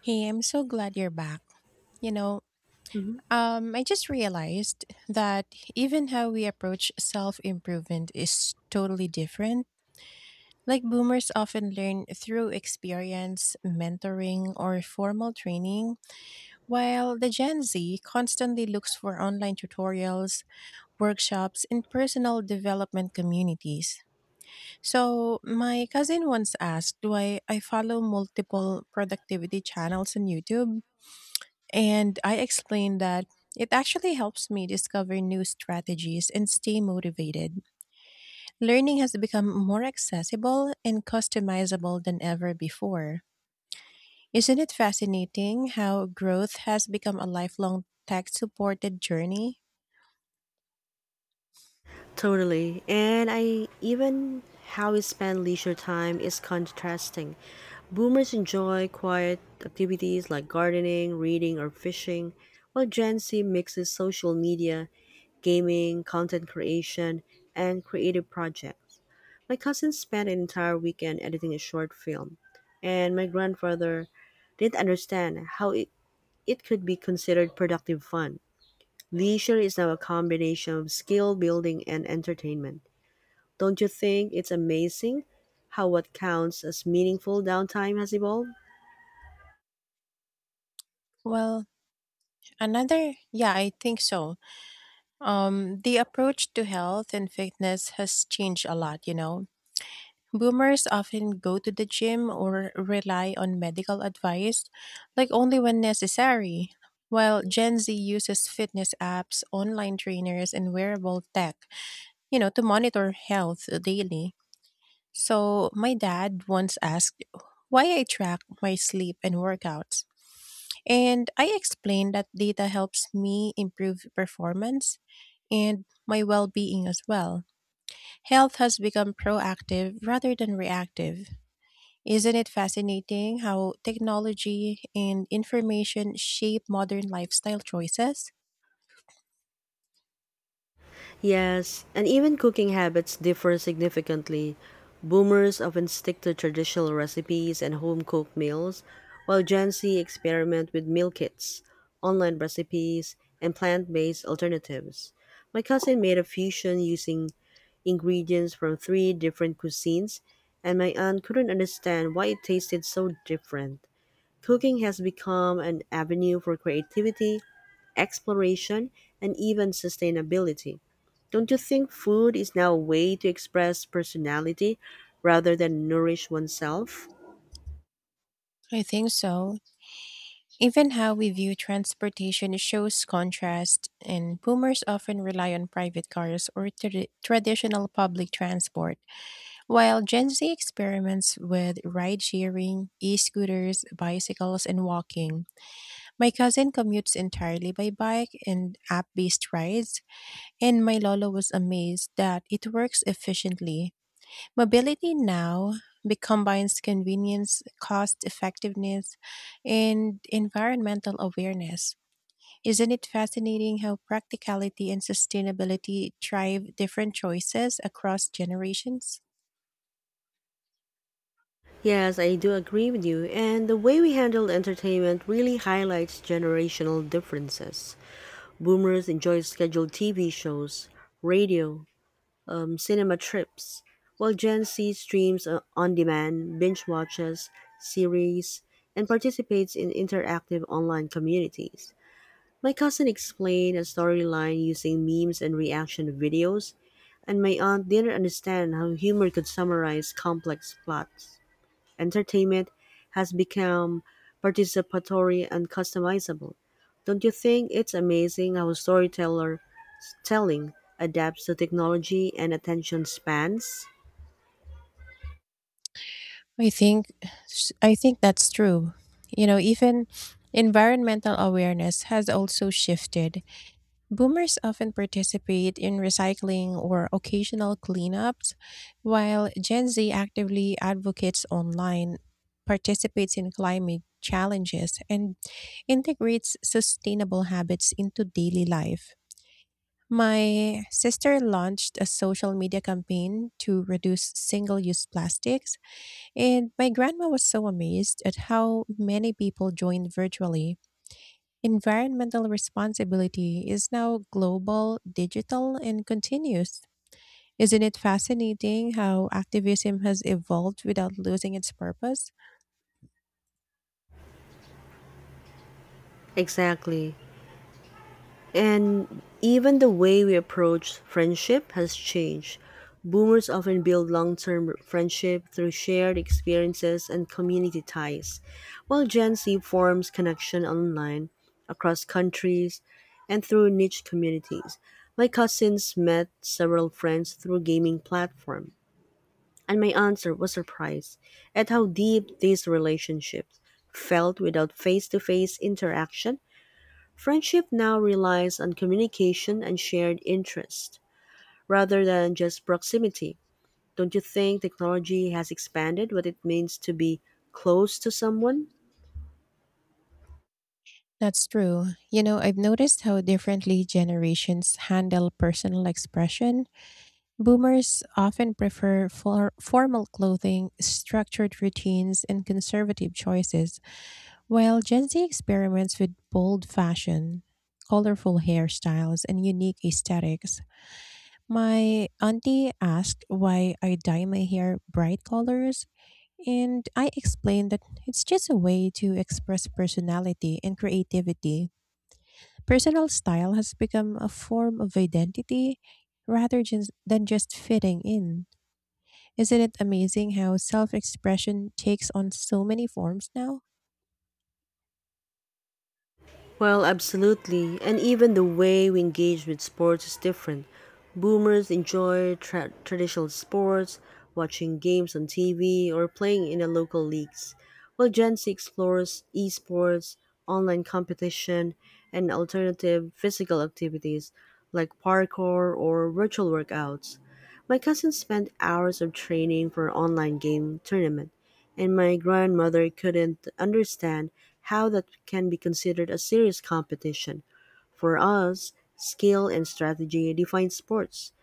Hey, I'm so glad you're back. You know, hmm I just realized that even how we approach self improvement is totally different. Like, boomers often learn through experience, mentoring, or formal training, while the Gen Z constantly looks for online tutorials, workshops, and personal development communities. So, my cousin once asked why I follow multiple productivity channels on YouTube. And I explained that it actually helps me discover new strategies and stay motivated. Learning has become more accessible and customizable than ever before. Isn't it fascinating how growth has become a lifelong tech supported journey? Totally. And I even how we spend leisure time is contrasting. Boomers enjoy quiet activities like gardening, reading, or fishing, while Gen Z mixes social media, gaming, content creation, and creative projects. My cousin spent an entire weekend editing a short film, and my grandfather didn't understand how it could be considered productive fun. Leisure is now a combination of skill building and entertainment. Don't you think it's amazing how what counts as meaningful downtime has evolved? Well, yeah, I think so. The approach to health and fitness has changed a lot. Boomers often go to the gym or rely on medical advice, like only when necessary, while Gen Z uses fitness apps, online trainers, and wearable tech, to monitor health daily. So, my dad once asked why I track my sleep and workouts. And I explained that data helps me improve performance and my well being as well. Health has become proactive rather than reactive. Isn't it fascinating how technology and information shape modern lifestyle choices? Yes, and even cooking habits differ significantly. Boomers often stick to traditional recipes and home cooked meals, while Gen Z experiment with meal kits, online recipes, and plant based alternatives. My cousin made a fusion using ingredients from three different cuisines, and my aunt couldn't understand why it tasted so different. Cooking has become an avenue for creativity exploration, and even sustainability. Don't you think food is now a way to express personality rather than nourish oneself? I think so. Even how we view transportation shows contrast, and boomers often rely on private cars or traditional public transport, while Gen Z experiments with ride sharing, e scooters, bicycles, and walking. My cousin commutes entirely by bike and app based rides, and my Lolo was amazed that it works efficiently. Mobility now combines convenience, cost effectiveness, and environmental awareness. Isn't it fascinating how practicality and sustainability drive different choices across generations? Yes, I do agree with you. And the way we handle entertainment really highlights generational differences. Boomers enjoy scheduled TV shows, radio, cinema trips, while Gen Z streams on demand, binge watches, series, and participates in interactive online communities. My cousin explained a storyline using memes and reaction videos, and my aunt didn't understand how humor could summarize complex plots. Entertainment has become participatory and customizable. Don't you think it's amazing how storyteller telling adapts to technology and attention spans? I think I think that's true. Even environmental awareness has also shifted. Boomers often participate in recycling or occasional cleanups, while Gen Z actively advocates online, participates in climate challenges, and integrates sustainable habits into daily life. My sister launched a social media campaign to reduce single use plastics, and my grandma was so amazed at how many people joined virtually. Environmental responsibility is now global, digital, and continuous. Isn't it fascinating how activism has evolved without losing its purpose? Exactly. And even the way we approach friendship has changed. Boomers often build long term friendship through shared experiences and community ties, while Gen Z forms connection online, across countries, and through niche communities. My cousins met several friends through gaming platform, and my answer was surprised at how deep these relationships felt without face to face interaction. Friendship now relies on communication and shared interest rather than just proximity. Don't you think technology has expanded what it means to be close to someone? That's true. I've noticed how differently generations handle personal expression. Boomers often prefer for formal clothing, structured routines, and conservative choices, while Gen Z experiments with bold fashion, colorful hairstyles, and unique aesthetics. My auntie asked why I dye my hair bright colors, and I explained that it's just a way to express personality and creativity. Personal style has become a form of identity rather than just fitting in. Isn't it amazing how self expression takes on so many forms now? Well, absolutely. And even the way we engage with sports is different. Boomers enjoy traditional sports, watching games on TV, or playing in the local leagues, while Gen Z explores esports, online competition, and alternative physical activities like parkour or virtual workouts. My cousin spent hours of training for online game tournament, and my grandmother couldn't understand how that can be considered a serious competition. For us, skill and strategy define sports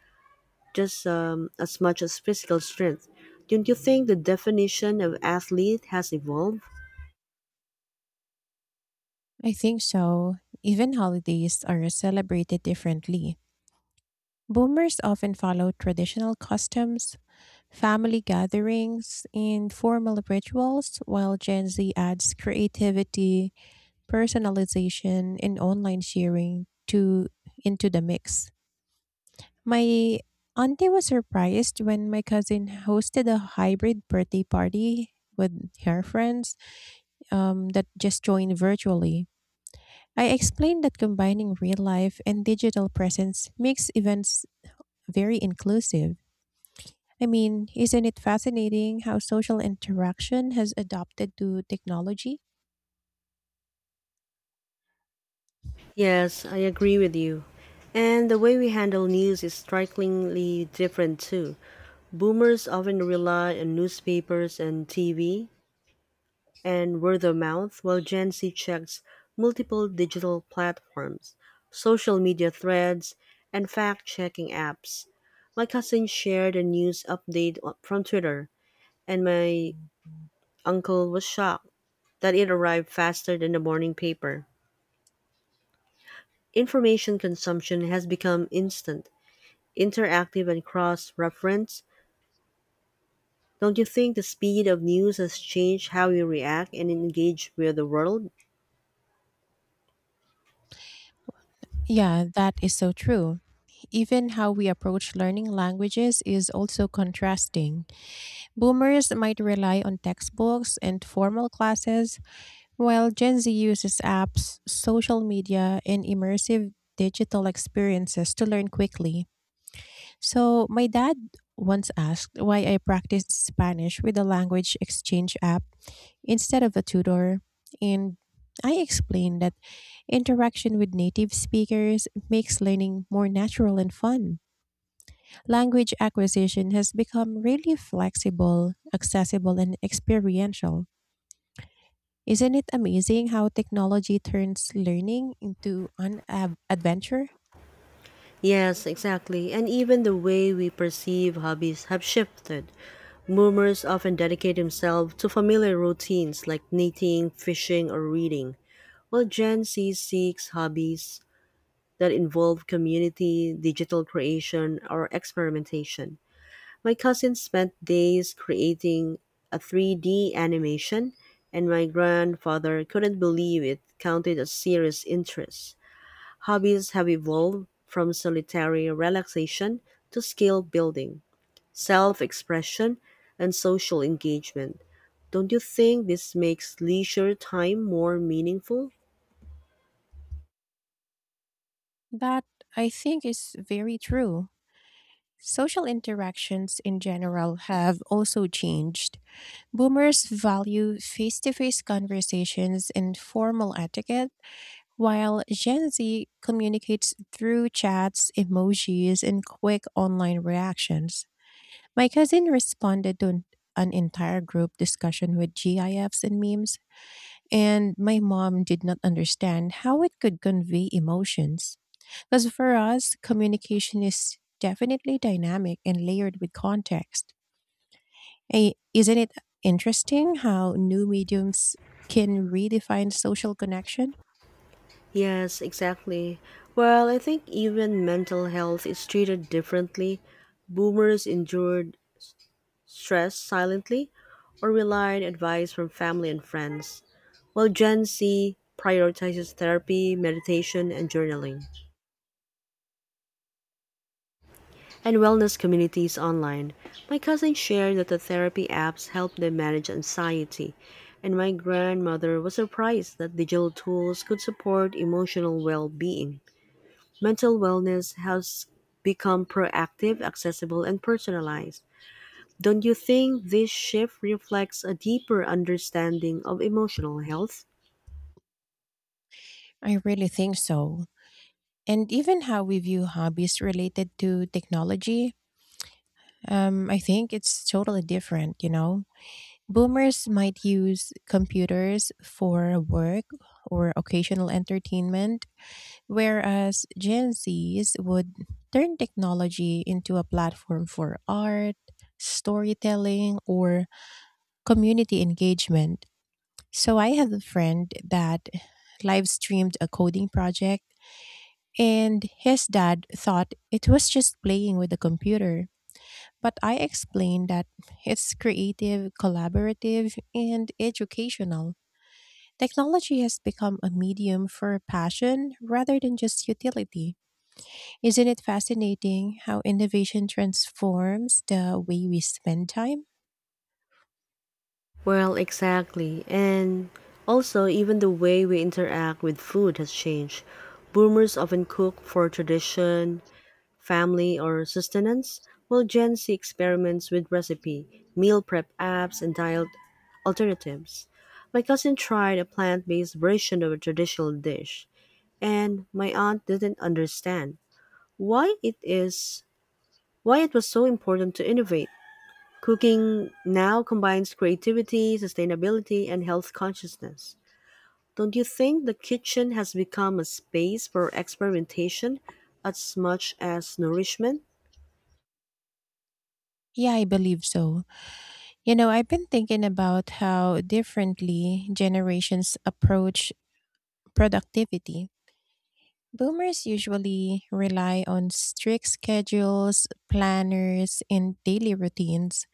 just as much as physical strength. Don't you think the definition of athlete has evolved? I think so. Even holidays are celebrated differently. Boomers often follow traditional customs, family gatherings, and formal rituals, while Gen Z adds creativity, personalization, and online sharing to into the mix. My auntie was surprised when my cousin hosted a hybrid birthday party with her friends that just joined virtually. I explained that combining real life and digital presence makes events very inclusive. I mean, isn't it fascinating how social interaction has adapted to technology? Yes, I agree with you. And the way we handle news is strikingly different too. Boomers often rely on newspapers and TV, and word of mouth while Gen Z checks multiple digital platforms, social media threads, and fact checking apps. My cousin shared a news update from Twitter, and my uncle was shocked that it arrived faster than the morning paper. Information consumption has become instant, interactive, and cross reference. Don't you think the speed of news has changed how we react and engage with the world? Yeah, that is so true. Even how we approach learning languages is also contrasting. Boomers might rely on textbooks and formal classes, while Gen Z uses apps, social media, and immersive digital experiences to learn quickly. So, my dad once asked why I practiced Spanish with a language exchange app instead of a tutor. And I explained that interaction with native speakers makes learning more natural and fun. Language acquisition has become really flexible, accessible, and experiential. Isn't it amazing how technology turns learning into an adventure? Yes, exactly. And even the way we perceive hobbies have shifted. Boomers often dedicate themselves to familiar routines like knitting, fishing, or reading, while Gen Z seeks hobbies that involve community, digital creation, or experimentation. My cousin spent days creating a 3D animation, and my grandfather couldn't believe it counted as serious interest. Hobbies have evolved from solitary relaxation to skill building, self expression, and social engagement. Don't you think this makes leisure time more meaningful? That, I think, is very true. Social interactions in general have also changed. Boomers value face to face conversations and formal etiquette, while Gen Z communicates through chats, emojis, and quick online reactions. My cousin responded to an entire group discussion with GIFs and memes, and my mom did not understand how it could convey emotions. Because for us, communication is definitely dynamic and layered with context. Isn't it interesting how new mediums can redefine social connection? Yes, exactly. Well, I think even mental health is treated differently. Boomers endured stress silently or relied on advice from family and friends, while Gen Z prioritizes therapy, meditation, and journaling and wellness communities online. My cousins shared that the therapy apps help them manage anxiety, and my grandmother was surprised that digital tools could support emotional well being. Mental wellness has become proactive, accessible, and personalized. Don't you think this shift reflects a deeper understanding of emotional health? I really think so. And even how we view hobbies related to technology, I think it's totally different, you know? Boomers might use computers for work or occasional entertainment, whereas Gen Zs would turn technology into a platform for art, storytelling, or community engagement. So I have a friend that live streamed a coding project, and his dad thought it was just playing with the computer. But I explained that it's creative, collaborative, and educational. Technology has become a medium for passion rather than just utility. Isn't it fascinating how innovation transforms the way we spend time? Well, exactly. And also, even the way we interact with food has changed. Boomers often cook for tradition, family, or sustenance, while Gen Z experiments with recipe, meal prep apps, and diet alternatives. My cousin tried a plant based version of a traditional dish, and my aunt didn't understand why it is why it was so important to innovate. Cooking now combines creativity, sustainability, and health consciousness. Don't you think the kitchen has become a space for experimentation as much as nourishment? Yeah, I believe so. I've been thinking about how differently generations approach productivity. Boomers usually rely on strict schedules, planners, and daily routines,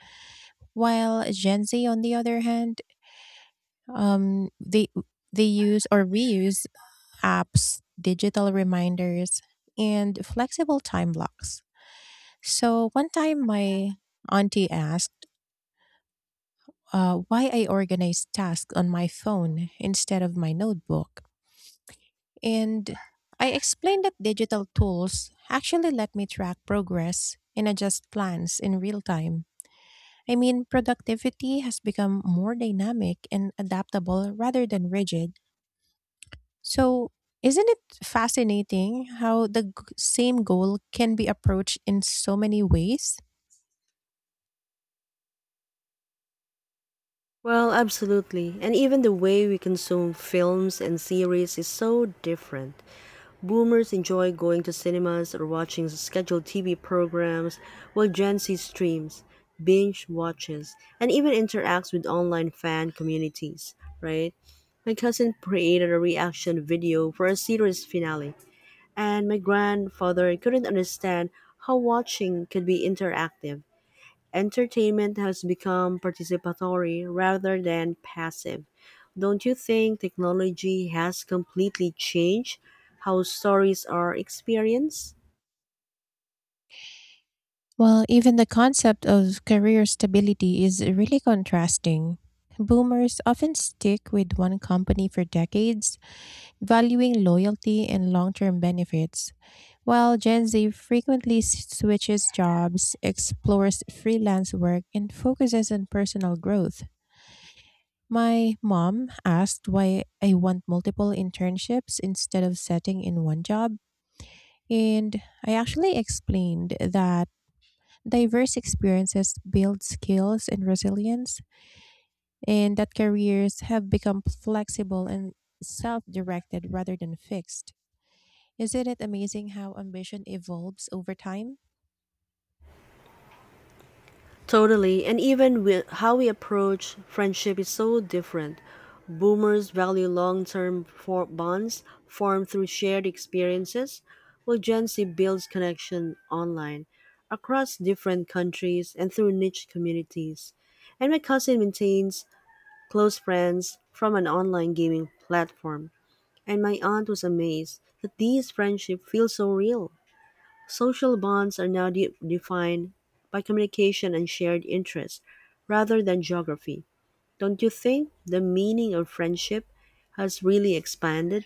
while Gen Z, on the other hand, um, they they use or reuse apps, digital reminders, and flexible time blocks. So one time my auntie asked why I organized tasks on my phone instead of my notebook. And I explained that digital tools actually let me track progress and adjust plans in real time. I mean, productivity has become more dynamic and adaptable rather than rigid. So, isn't it fascinating how the same goal can be approached in so many ways? Well, absolutely. And even the way we consume films and series is so different. Boomers enjoy going to cinemas or watching scheduled TV programs, while Gen Z streams, binge watches, and even interacts with online fan communities, right? My cousin created a reaction video for a series finale, and my grandfather couldn't understand how watching could be interactive. Entertainment has become participatory rather than passive. Don't you think technology has completely changed how stories are experienced? Well, even the concept of career stability is really contrasting. Boomers often stick with one company for decades, valuing loyalty and long term benefits, while Gen Z frequently switches jobs, explores freelance work, and focuses on personal growth. My mom asked why I want multiple internships instead of setting in one job, and I actually explained that diverse experiences build skills and resilience, and that careers have become flexible and self directed rather than fixed. Isn't it amazing how ambition evolves over time? Totally, and even with how we approach friendship is so different. Boomers value long-term bonds formed through shared experiences, while Gen Z builds connection online across different countries and through niche communities. And my cousin maintains close friends from an online gaming platform, and my aunt was amazed that these friendships feel so real. Social bonds are now defined by communication and shared interests rather than geography. Don't you think the meaning of friendship has really expanded?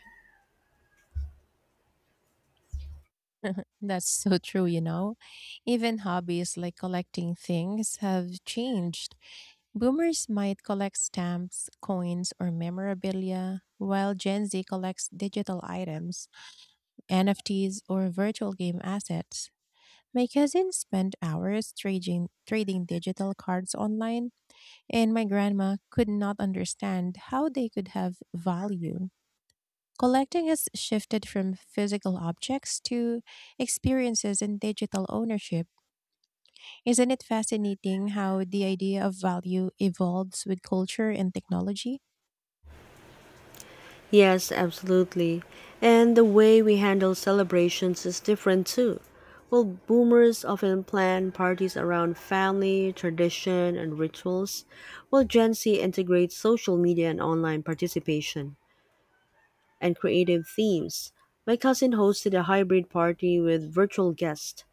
That's so true. Even hobbies like collecting things have changed. Boomers might collect stamps, coins, or memorabilia, while Gen Z collects digital items, NFTs, or virtual game assets. My cousins spent hours trading digital cards online, and my grandma could not understand how they could have value. Collecting has shifted from physical objects to experiences and digital ownership. Isn't it fascinating how the idea of value evolves with culture and technology? Yes, absolutely. And the way we handle celebrations is different too. Well, boomers often plan parties around family, tradition, and rituals, while Gen Z integrates social media and online participation and creative themes. My cousin hosted a hybrid party with virtual guests,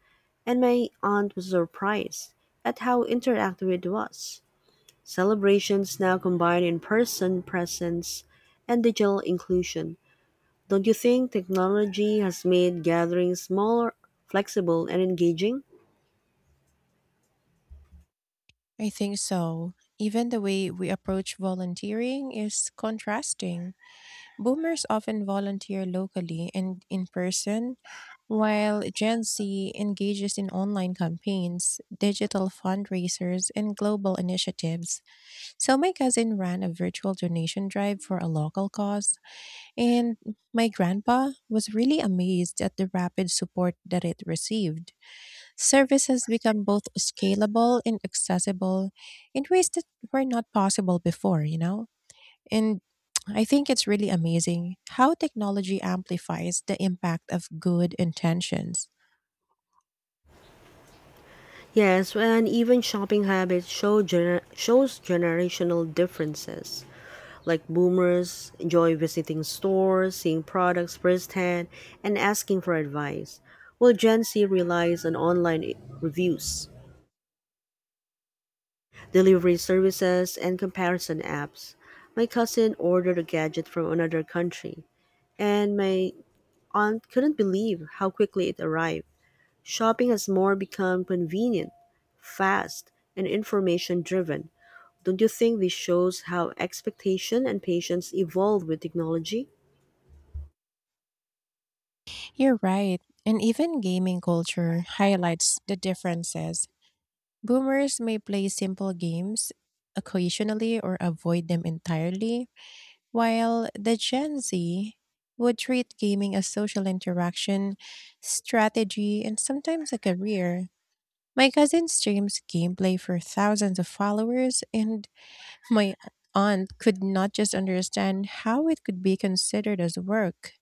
and my aunt was surprised at how interactive it was. Celebrations now combine in person presence and digital inclusion. Don't you think technology has made gatherings smaller, flexible, and engaging? I think so. Even the way we approach volunteering is contrasting. Boomers often volunteer locally and in person, while Gen Z engages in online campaigns, digital fundraisers, and global initiatives. So, my cousin ran a virtual donation drive for a local cause, and my grandpa was really amazed at the rapid support that it received. Service has become both scalable and accessible in ways that were not possible before. And I think it's really amazing how technology amplifies the impact of good intentions. Yes, and even shopping habits shows generational differences. Like boomers enjoy visiting stores, seeing products firsthand, and asking for advice, while Gen Z relies on online reviews, delivery services, and comparison apps. My cousin ordered a gadget from another country, and my aunt couldn't believe how quickly it arrived. Shopping has more become convenient, fast, and information driven. Don't you think this shows how expectation and patience evolve with technology? You're right. And even gaming culture highlights the differences. Boomers may play simple games occasionally or avoid them entirely, while the Gen Z would treat gaming as social interaction, strategy, and sometimes a career. My cousin streams gameplay for thousands of followers, and my aunt could not just understand how it could be considered as work.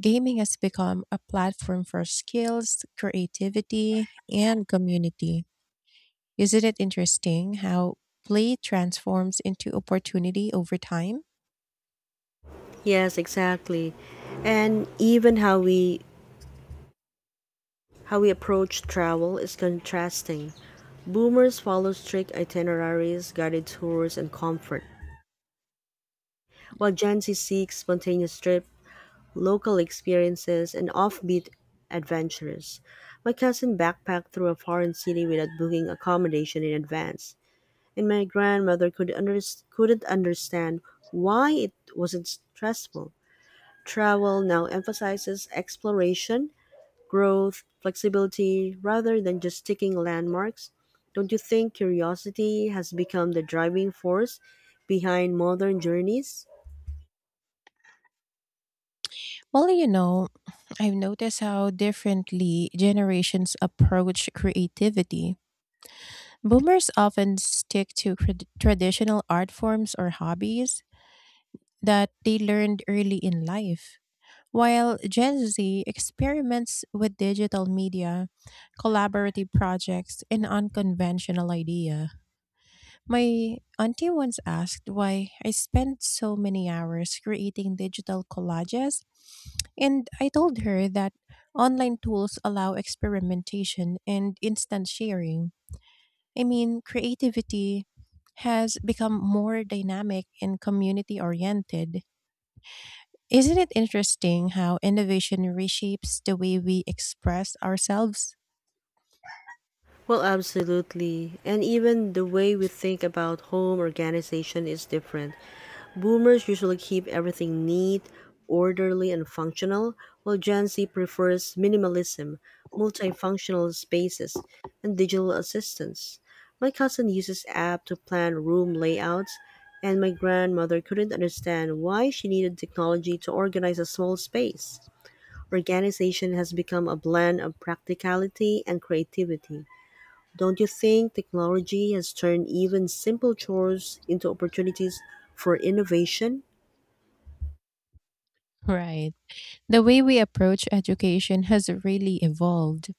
Gaming has become a platform for skills, creativity, and community. Isn't it interesting how play transforms into opportunity over time? Yes, exactly. And even how we approach travel is contrasting. Boomers follow strict itineraries, guided tours, and comfort, while Gen Z seeks spontaneous trip, local experiences, and offbeat adventures. My cousin backpacked through a foreign city without booking accommodation in advance, and my grandmother couldn't understand why it wasn't stressful. Travel now emphasizes exploration, growth, flexibility, rather than just ticking landmarks. Don't you think curiosity has become the driving force behind modern journeys? Well, I've noticed how differently generations approach creativity. Boomers often stick to traditional art forms or hobbies that they learned early in life, while Gen Z experiments with digital media, collaborative projects, and unconventional ideas. My auntie once asked why I spent so many hours creating digital collages, and I told her that online tools allow experimentation and instant sharing. I mean, creativity has become more dynamic and community oriented. Isn't it interesting how innovation reshapes the way we express ourselves? Well, absolutely. And even the way we think about home organization is different. Boomers usually keep everything neat, orderly, and functional, while Gen Z prefers minimalism, multifunctional spaces, and digital assistants. My cousin uses app to plan room layouts, and my grandmother couldn't understand why she needed technology to organize a small space. Organization has become a blend of practicality and creativity. Don't you think technology has turned even simple chores into opportunities for innovation? Right. The way we approach education has really evolved.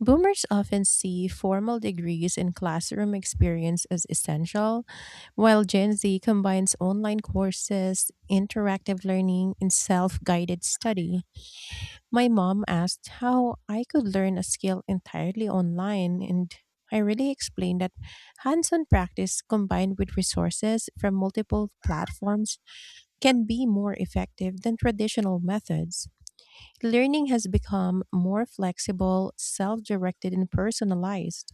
Boomers often see formal degrees and classroom experience as essential, while Gen Z combines online courses, interactive learning, and self guided study. My mom asked how I could learn a skill entirely online, and I really explained that hands on practice combined with resources from multiple platforms can be more effective than traditional methods. Learning has become more flexible, self directed, and personalized.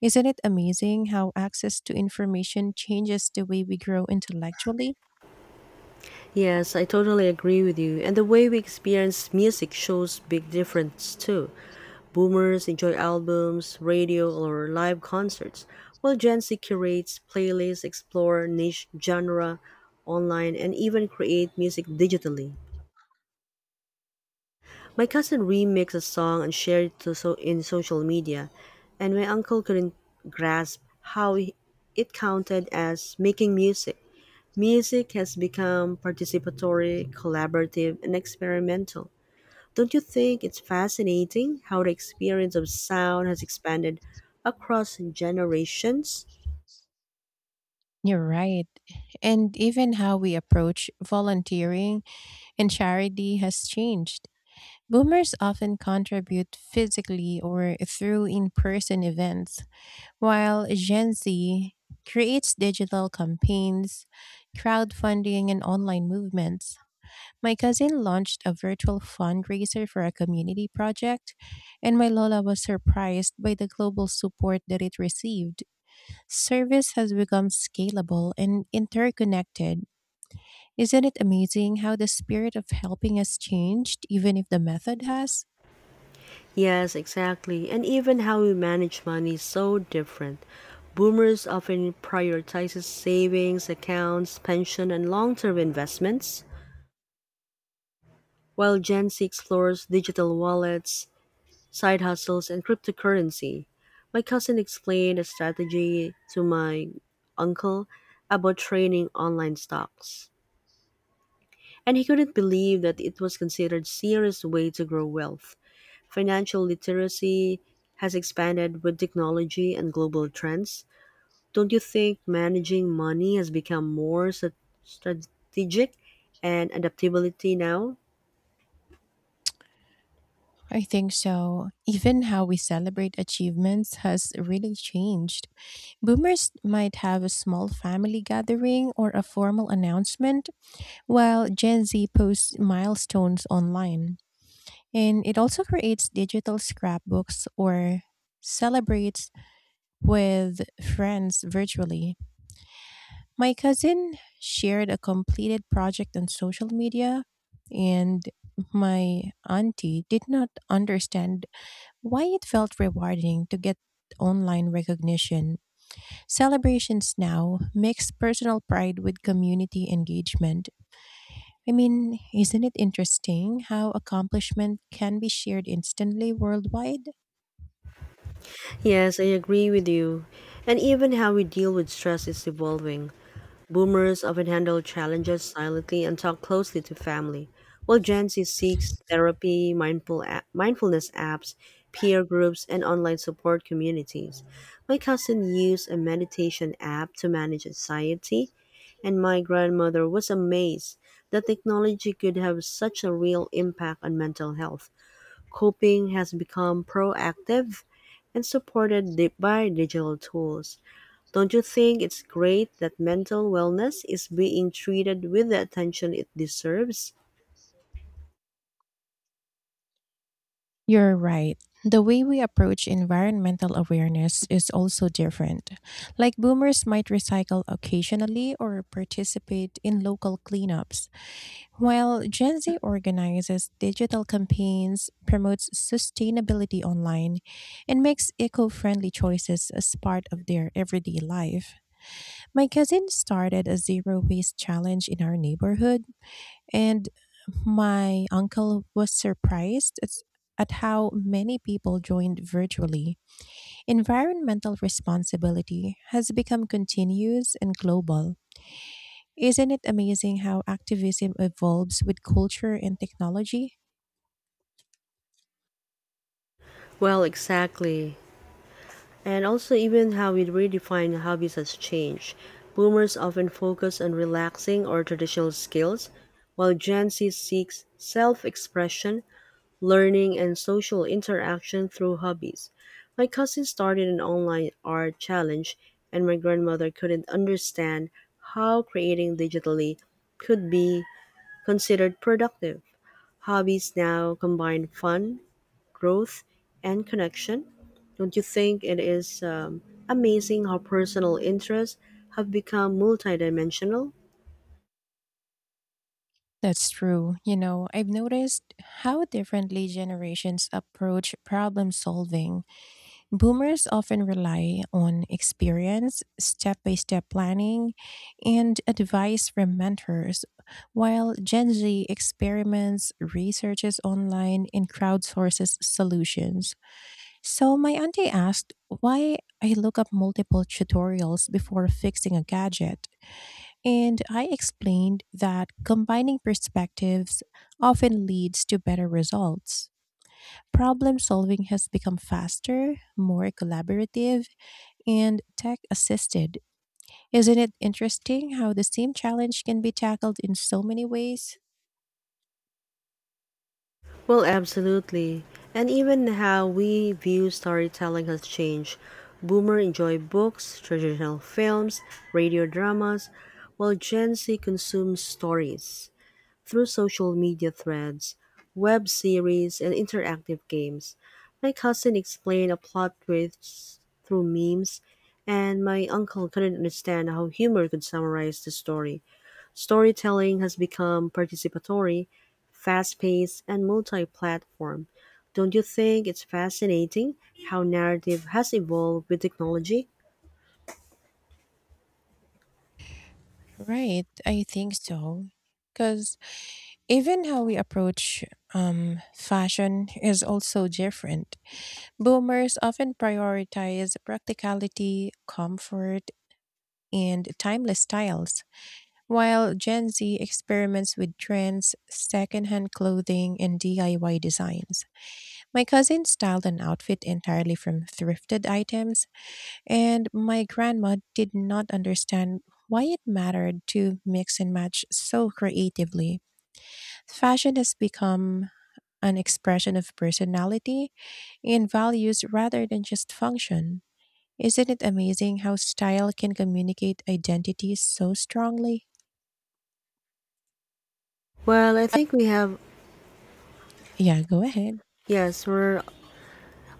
Isn't it amazing how access to information changes the way we grow intellectually? Yes, I totally agree with you. And the way we experience music shows big difference too. Boomers enjoy albums, radio, or live concerts, while Gen Z curates playlists, explore niche genre online, and even create music digitally. My cousin remixed a song and shared it to so in social media, and my uncle couldn't grasp how he- it counted as making music. Music has become participatory, collaborative, and experimental. Don't you think it's fascinating how the experience of sound has expanded across generations? You're right. And even how we approach volunteering and charity has changed. Boomers often contribute physically or through in person events, while Gen Z creates digital campaigns, crowdfunding, and online movements. My cousin launched a virtual fundraiser for a community project, and my Lola was surprised by the global support that it received. Service has become scalable and interconnected. Isn't it amazing how the spirit of helping has changed, even if the method has? Yes, exactly. And even how we manage money is so different. Boomers often prioritizes savings, accounts, pension, and long-term investments, while Gen Z explores digital wallets, side hustles, and cryptocurrency. My cousin explained a strategy to my uncle about trading online stocks, and he couldn't believe that it was considered serious way to grow wealth. Financial literacy has expanded with technology and global trends. Don't you think managing money has become more strategic and adaptability now? I think so. Even how we celebrate achievements has really changed. Boomers might have a small family gathering or a formal announcement, while Gen Z posts milestones online. And it also creates digital scrapbooks or celebrates with friends virtually. My cousin shared a completed project on social media, and my auntie did not understand why it felt rewarding to get online recognition. Celebrations now mix personal pride with community engagement. I mean, isn't it interesting how accomplishment can be shared instantly worldwide? Yes, I agree with you. And even how we deal with stress is evolving. Boomers often handle challenges silently and talk closely to family, while Gen Z seeks therapy, mindfulness apps, peer groups, and online support communities. My cousin used a meditation app to manage anxiety, and my grandmother was amazed that technology could have such a real impact on mental health. Coping has become proactive and supported by digital tools. Don't you think it's great that mental wellness is being treated with the attention it deserves? You're right. The way we approach environmental awareness is also different. Like, boomers might recycle occasionally or participate in local cleanups, while Gen Z organizes digital campaigns, promotes sustainability online, and makes eco friendly choices as part of their everyday life. My cousin started a zero waste challenge in our neighborhood, and my uncle was surprised at how many people joined virtually. Environmental responsibility has become continuous and global. Isn't it amazing how activism evolves with culture and technology? Well, exactly. And also, even how we redefine hobbies has changed. Boomers often focus on relaxing or traditional skills, while Gen Z seeks self expression learning, and social interaction through hobbies. My cousin started an online art challenge, and my grandmother couldn't understand how creating digitally could be considered productive. Hobbies now combine fun, growth, and connection. Don't you think it is amazing how personal interests have become multidimensional? That's true. I've noticed how differently generations approach problem solving. Boomers often rely on experience, step by step planning, and advice from mentors, while Gen Z experiments, researches online, and crowdsources solutions. So, my auntie asked why I look up multiple tutorials before fixing a gadget, and I explained that combining perspectives often leads to better results. Problem solving has become faster, more collaborative, and tech assisted. Isn't it interesting how the same challenge can be tackled in so many ways? Well, absolutely. And even how we view storytelling has changed. Boomer enjoy books, traditional films, radio dramas, while Gen Z consumes stories through social media threads, web series, and interactive games. My cousin explained a plot twist through memes, and my uncle couldn't understand how humor could summarize the story. Storytelling has become participatory, fast-paced, and multi-platform. Don't you think it's fascinating how narrative has evolved with technology? Right, I think so. Because even how we approach fashion is also different. Boomers often prioritize practicality, comfort, and timeless styles, while Gen Z experiments with trends, secondhand clothing, and DIY designs. My cousin styled an outfit entirely from thrifted items. And my grandma did not understand why it mattered to mix and match so creatively. Fashion has become an expression of personality and values rather than just function. Isn't it amazing how style can communicate identity so strongly? Well, I think we have, Yeah, go ahead. yes, we're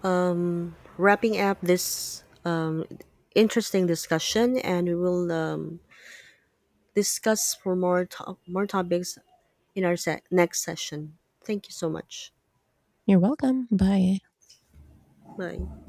wrapping up this interesting discussion and we will discuss for more, more topics in our next session. Thank you so much. You're welcome. Bye. Bye.